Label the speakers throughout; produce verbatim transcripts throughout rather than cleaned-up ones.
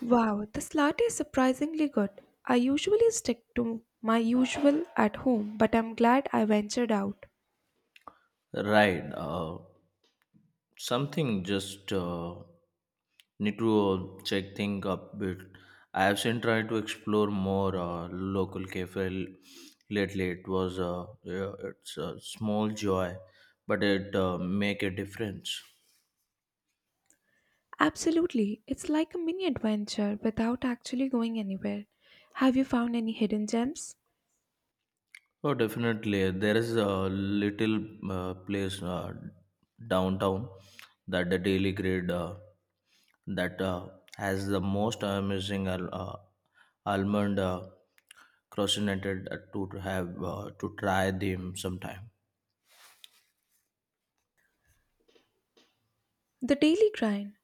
Speaker 1: Wow, this latte is surprisingly good. I usually stick to my usual at home, but I'm glad I ventured out.
Speaker 2: Right. Uh, something just uh, need to uh, check thing up bit. I have been trying to explore more uh, local cafe lately. It was uh, yeah, it's a small joy, but it uh, make a difference.
Speaker 1: Absolutely, it's like a mini adventure without actually going anywhere. Have you found any hidden gems?
Speaker 2: Oh, definitely. There is a little uh, place uh, downtown that the Daily Grid uh, that uh, has the most amazing al- uh, almond uh, croissant uh, to have uh, to try them sometime.
Speaker 1: The daily grind.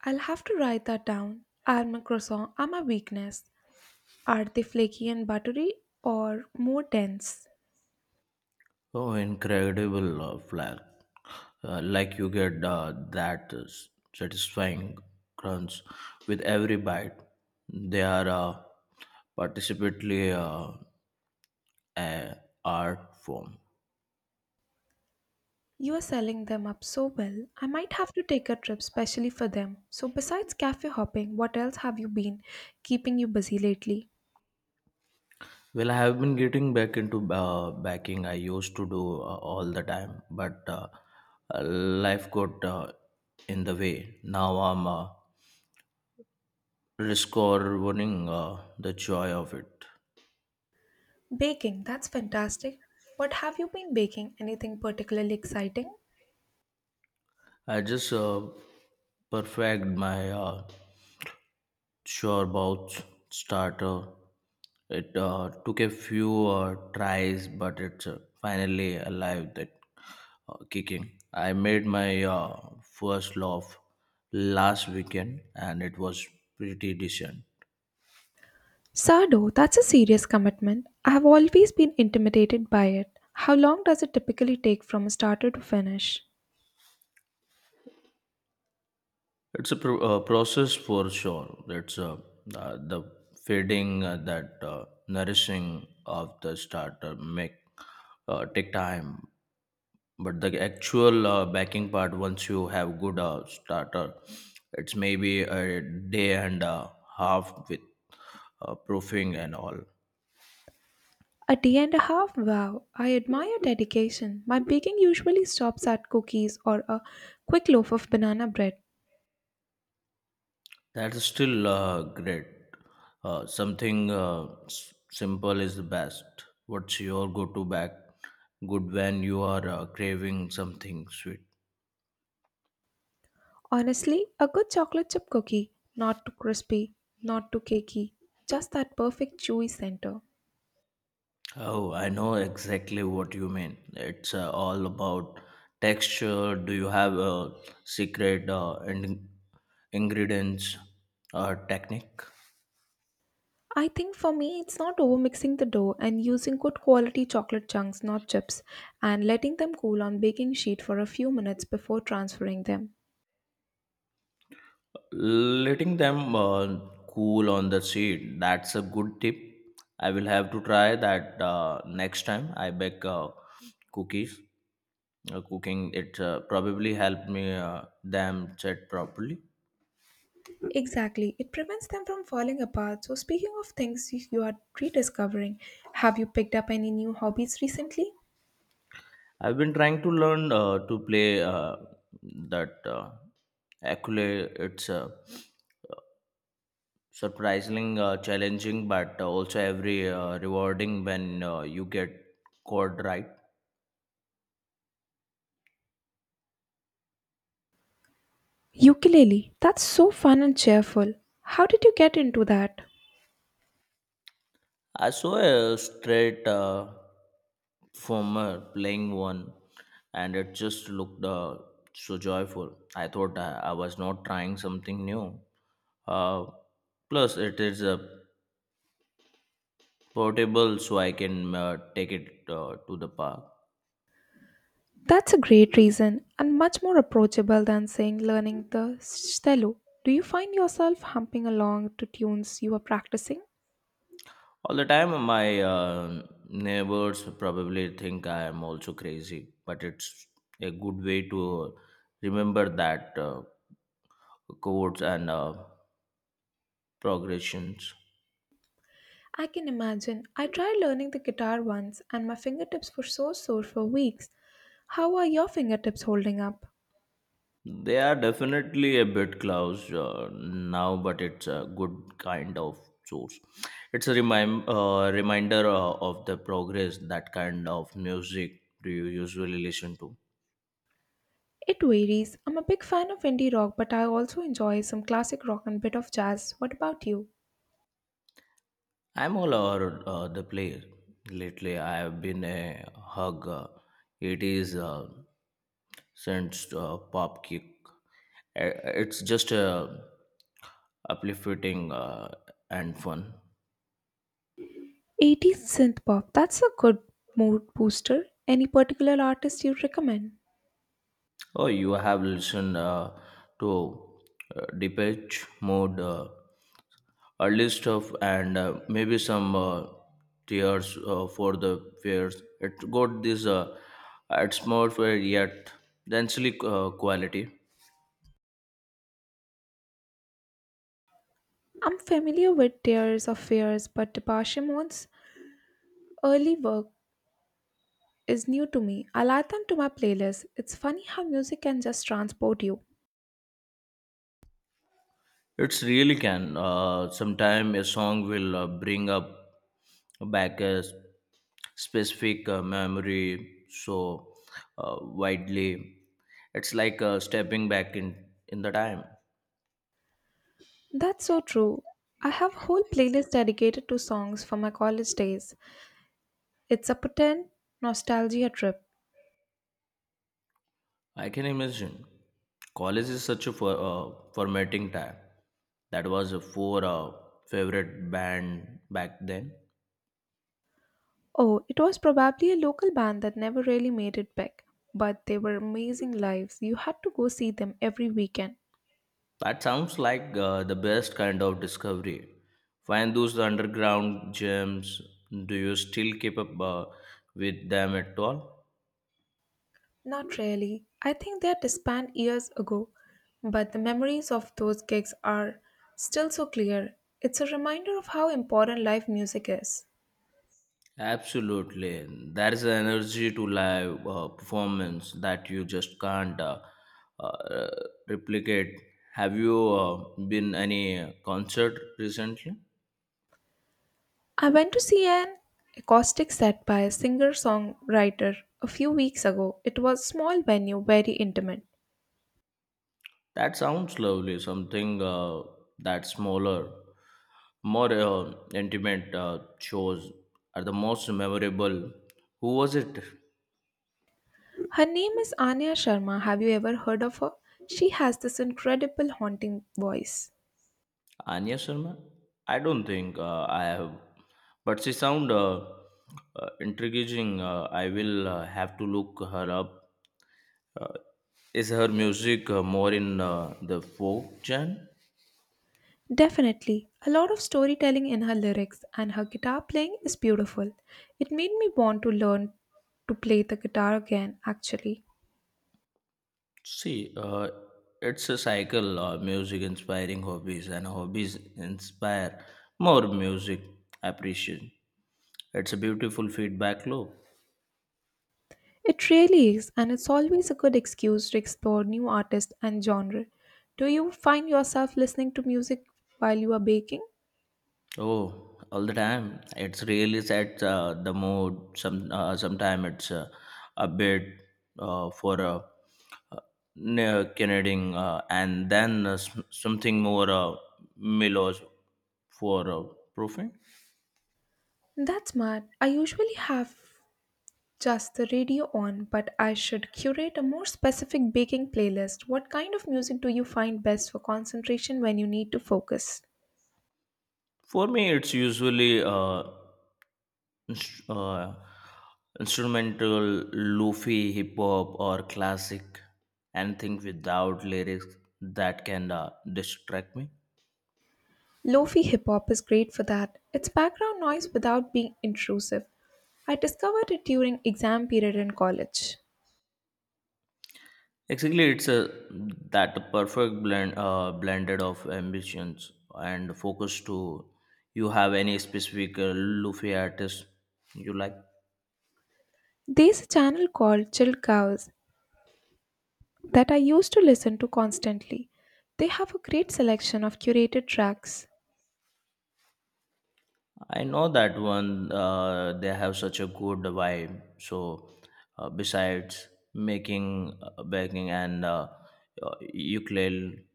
Speaker 1: I'll have to write that down. Almond croissant are my weakness. Are they flaky and buttery or more dense?
Speaker 2: Oh, incredible uh, flair! Uh, like you get uh, that s- satisfying crunch with every bite. They are uh, participately. Uh, uh, Art form.
Speaker 1: You are selling them up so well. I might have to take a trip specially for them. So, besides cafe hopping, what else have you been keeping you busy lately?
Speaker 2: Well, I have been getting back into uh, backing. I used to do uh, all the time, but uh, uh, life got uh, in the way. Now I'm uh, discovering uh, the joy of it.
Speaker 1: Baking, that's fantastic. What have you been baking? Anything particularly exciting?
Speaker 2: I just uh, perfect my uh, sure about starter. It uh, took a few uh, tries, but it's uh, finally alive that uh, kicking. I made my uh, first loaf last weekend, and it was pretty decent.
Speaker 1: Sardo, that's a serious commitment. I have always been intimidated by it. How long does it typically take from a starter to finish?
Speaker 2: It's a pro- uh, process for sure. It's uh, uh, the feeding uh, that uh, nourishing of the starter make uh, take time, but the actual uh, backing part once you have good uh, starter, it's maybe a day and a half with uh, proofing and all.
Speaker 1: A day and a half? Wow, I admire dedication. My baking usually stops at cookies or a quick loaf of banana bread.
Speaker 2: That's still uh, great, uh, something uh, s- simple is the best. What's your go-to back good when you are uh, craving something sweet?
Speaker 1: Honestly, a good chocolate chip cookie, not too crispy, not too cakey, just that perfect chewy center.
Speaker 2: Oh, I know exactly what you mean. It's uh, all about texture. Do you have a secret uh, in- ingredients or technique?
Speaker 1: I think for me, it's not overmixing the dough and using good quality chocolate chunks, not chips, and letting them cool on baking sheet for a few minutes before transferring them.
Speaker 2: Letting them uh, cool on the seed. That's a good tip. I will have to try that uh, next time I bake uh, cookies. Uh, cooking it uh, probably helped me uh, them set properly.
Speaker 1: Exactly, it prevents them from falling apart. So, speaking of things you are rediscovering, have you picked up any new hobbies recently?
Speaker 2: I've been trying to learn uh, to play uh, that uh, ukulele. It's uh, surprisingly uh, challenging, but also every uh, rewarding when uh, you get chord right.
Speaker 1: Ukulele, that's so fun and cheerful. How did you get into that?
Speaker 2: I saw a straight uh, former playing one, and it just looked uh, so joyful. I thought I, I was not trying something new. Uh, Plus, it is uh, portable, so I can uh, take it uh, to the park.
Speaker 1: That's a great reason and much more approachable than saying learning the cello. Do you find yourself humping along to tunes you are practicing?
Speaker 2: All the time, my uh, neighbors probably think I am also crazy, but it's a good way to remember that uh, codes and uh, progressions.
Speaker 1: I can imagine. I tried learning the guitar once and my fingertips were so sore for weeks. How are your fingertips holding up?
Speaker 2: They are definitely a bit close uh, now, but it's a good kind of source. It's a remind, uh, reminder uh, of the progress. That kind of music do you usually listen to?
Speaker 1: It varies. I'm a big fan of indie rock, but I also enjoy some classic rock and bit of jazz. What about you?
Speaker 2: I'm all over uh, the place. Lately, I've been a hug. uh, It is uh, since uh, pop kick. Uh, It's just uh, uplifting uh, and fun.
Speaker 1: eighties synth pop. That's a good mood booster. Any particular artist you recommend?
Speaker 2: Oh, you have listened uh, to uh, Depeche Mode, uh, early stuff, and uh, maybe some uh, tears uh, for the fears. It got this. Uh, it's more for yet densely uh, quality.
Speaker 1: I'm familiar with Tears of Fears, but Depeche Mode's early work is new to me. I'll add them to my playlist. It's funny how music can just transport you.
Speaker 2: It's really can. Uh, sometime a song will uh, bring up back a s- specific uh, memory so uh, widely. It's like uh, stepping back in, in the time.
Speaker 1: That's so true. I have a whole playlist dedicated to songs from my college days. It's a pretend nostalgia trip.
Speaker 2: I can imagine. College is such a for, uh, formatting time. That was a four uh, favorite band back then.
Speaker 1: Oh, it was probably a local band that never really made it big, but they were amazing lives. You had to go see them every weekend.
Speaker 2: That sounds like uh, the best kind of discovery. Find those underground gems. Do you still keep up uh, with them at all?
Speaker 1: Not really. I think they're disbanded years ago, but the memories of those gigs are still so clear. It's a reminder of how important live music is.
Speaker 2: Absolutely. There is an energy to live uh, performance that you just can't uh, uh, replicate. Have you uh, been any concert recently?
Speaker 1: I went to see an acoustic set by a singer songwriter a few weeks ago. It was a small venue, very intimate.
Speaker 2: That sounds lovely. Something uh, that smaller, more uh, intimate uh, shows are the most memorable. Who was it?
Speaker 1: Her name is Anya Sharma. Have you ever heard of her? She has this incredible haunting voice.
Speaker 2: Anya Sharma? I don't think uh, I have, but she sound uh, uh, intriguing. Uh, I will uh, have to look her up. Uh, is her music uh, more in uh, the folk genre?
Speaker 1: Definitely. A lot of storytelling in her lyrics, and her guitar playing is beautiful. It made me want to learn to play the guitar again, actually.
Speaker 2: See, uh, it's a cycle. Uh, music inspiring hobbies, and hobbies inspire more music appreciation. It's a beautiful feedback loop.
Speaker 1: It really is, and it's always a good excuse to explore new artists and genre. Do you find yourself listening to music while you are baking?
Speaker 2: Oh, all the time. It's really sets uh, the mood. Some uh, sometime it's uh, a bit uh, for a uh, uh, Canadian, uh, and then uh, s- something more uh, mellow for uh, proofing.
Speaker 1: That's smart. I usually have just the radio on, but I should curate a more specific baking playlist. What kind of music do you find best for concentration when you need to focus?
Speaker 2: For me, it's usually. Uh, inst- uh, Instrumental, lofi, hip hop, or classic, anything without lyrics that can uh, distract me.
Speaker 1: Lofi hip hop is great for that, it's background noise without being intrusive. I discovered it during exam period in college.
Speaker 2: Exactly, it's a that perfect blend, uh, blended of ambitions and focus. To you have any specific uh, lofi artist you like?
Speaker 1: There's a channel called Chill Cows that I used to listen to constantly. They have a great selection of curated tracks.
Speaker 2: I know that one. Uh, they have such a good vibe. So, uh, besides making uh, baking and uh, uh, ukulele,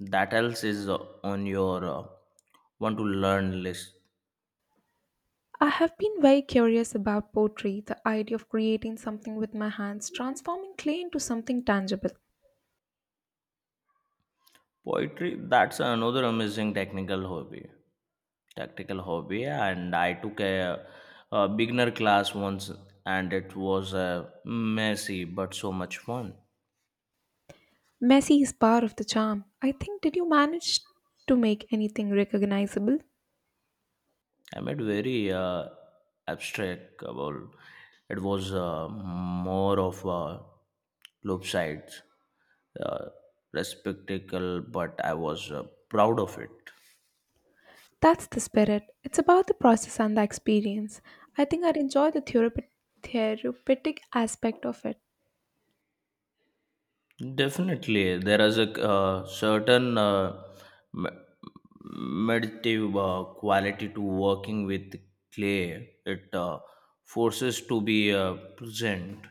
Speaker 2: that else is uh, on your uh, want to learn list.
Speaker 1: I have been very curious about poetry, the idea of creating something with my hands, transforming clay into something tangible.
Speaker 2: Poetry. That's another amazing technical hobby. Tactical hobby, and I took a, a beginner class once, and it was uh, messy but so much fun.
Speaker 1: Messy is part of the charm. I think, did you manage to make anything recognizable?
Speaker 2: I made very uh, abstract about it was uh, more of a loop sides uh, respectacle, but I was uh, proud of it.
Speaker 1: That's the spirit. It's about the process and the experience. I think I'd enjoy the therape- therapeutic aspect of it.
Speaker 2: Definitely there is a uh, certain uh, me- meditative uh, quality to working with clay. It uh, forces to be uh, present.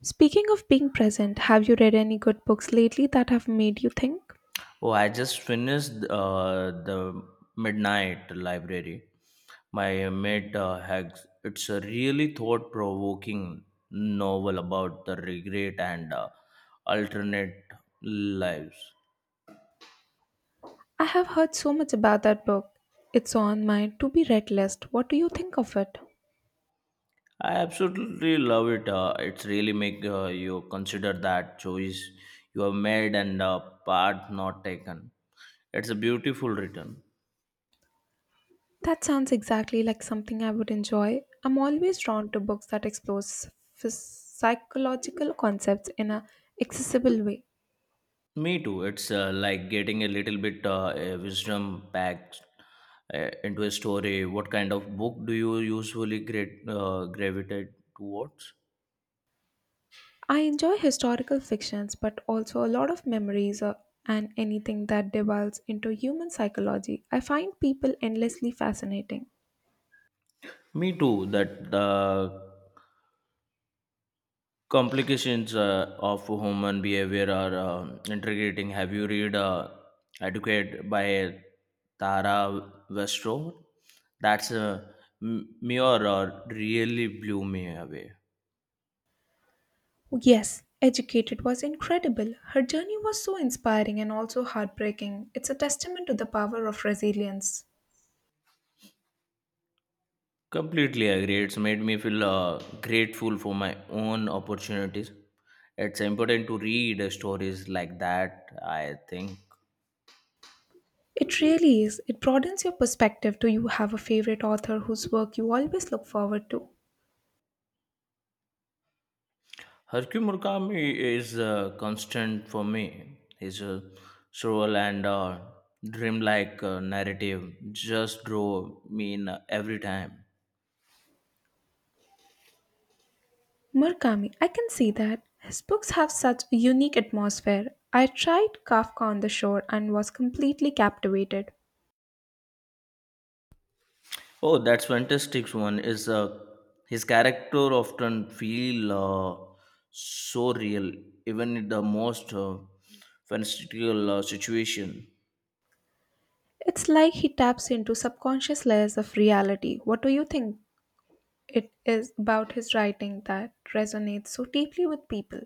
Speaker 1: Speaking of being present, have you read any good books lately that have made you think?
Speaker 2: Oh, I just finished uh, the Midnight Library. My mate uh, Hags. It's a really thought-provoking novel about the regret and uh, alternate lives.
Speaker 1: I have heard so much about that book. It's on my to be read list. What do you think of it?
Speaker 2: I absolutely love it. Uh, it's really make uh, you consider that choice you have made and uh, part not taken. It's a beautiful return.
Speaker 1: That sounds exactly like something I would enjoy. I'm always drawn to books that explore phys- psychological concepts in a accessible way.
Speaker 2: Me too. It's uh, like getting a little bit uh, a wisdom packed uh, into a story. What kind of book do you usually great, uh, gravitate towards?
Speaker 1: I enjoy historical fictions, but also a lot of memories or, and anything that delves into human psychology. I find people endlessly fascinating.
Speaker 2: Me too. That the complications uh, of human behavior are uh, integrating. Have you read uh, Educate by Tara Westrow? That's a m- mirror uh, really blew me away.
Speaker 1: Yes, Educated was incredible. Her journey was so inspiring and also heartbreaking. It's a testament to the power of resilience.
Speaker 2: Completely agree. It's made me feel uh, grateful for my own opportunities. It's important to read uh, stories like that, I think.
Speaker 1: It really is. It broadens your perspective. Do you have a favorite author whose work you always look forward to?
Speaker 2: Haruki Murakami is uh, constant for me. His uh, surreal and uh, dreamlike uh, narrative just draw me in uh, every time.
Speaker 1: Murakami, I can see that. His books have such a unique atmosphere. I tried Kafka on the Shore and was completely captivated.
Speaker 2: Oh, that's fantastic one. Is uh, his character often feel uh, so real, even in the most uh, fantastical uh, situation.
Speaker 1: It's like he taps into subconscious layers of reality. What do you think it is about his writing that resonates so deeply with people?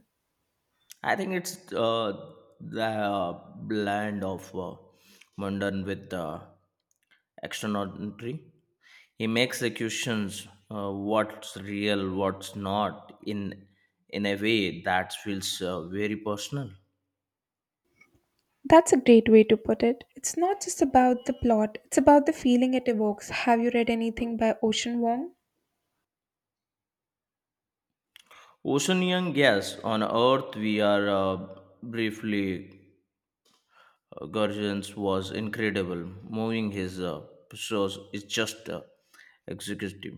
Speaker 2: I think it's uh, the uh, blend of uh, modern with uh, extraordinary. He makes executions uh, what's real, what's not, in in a way that feels uh, very personal.
Speaker 1: That's a great way to put it. It's not just about the plot, it's about the feeling it evokes. Have you read anything by Ocean Wong?
Speaker 2: Oceanian gas on Earth, we are uh, briefly. Uh, Gurgens was incredible. Moving his uh, shows is just uh, executive.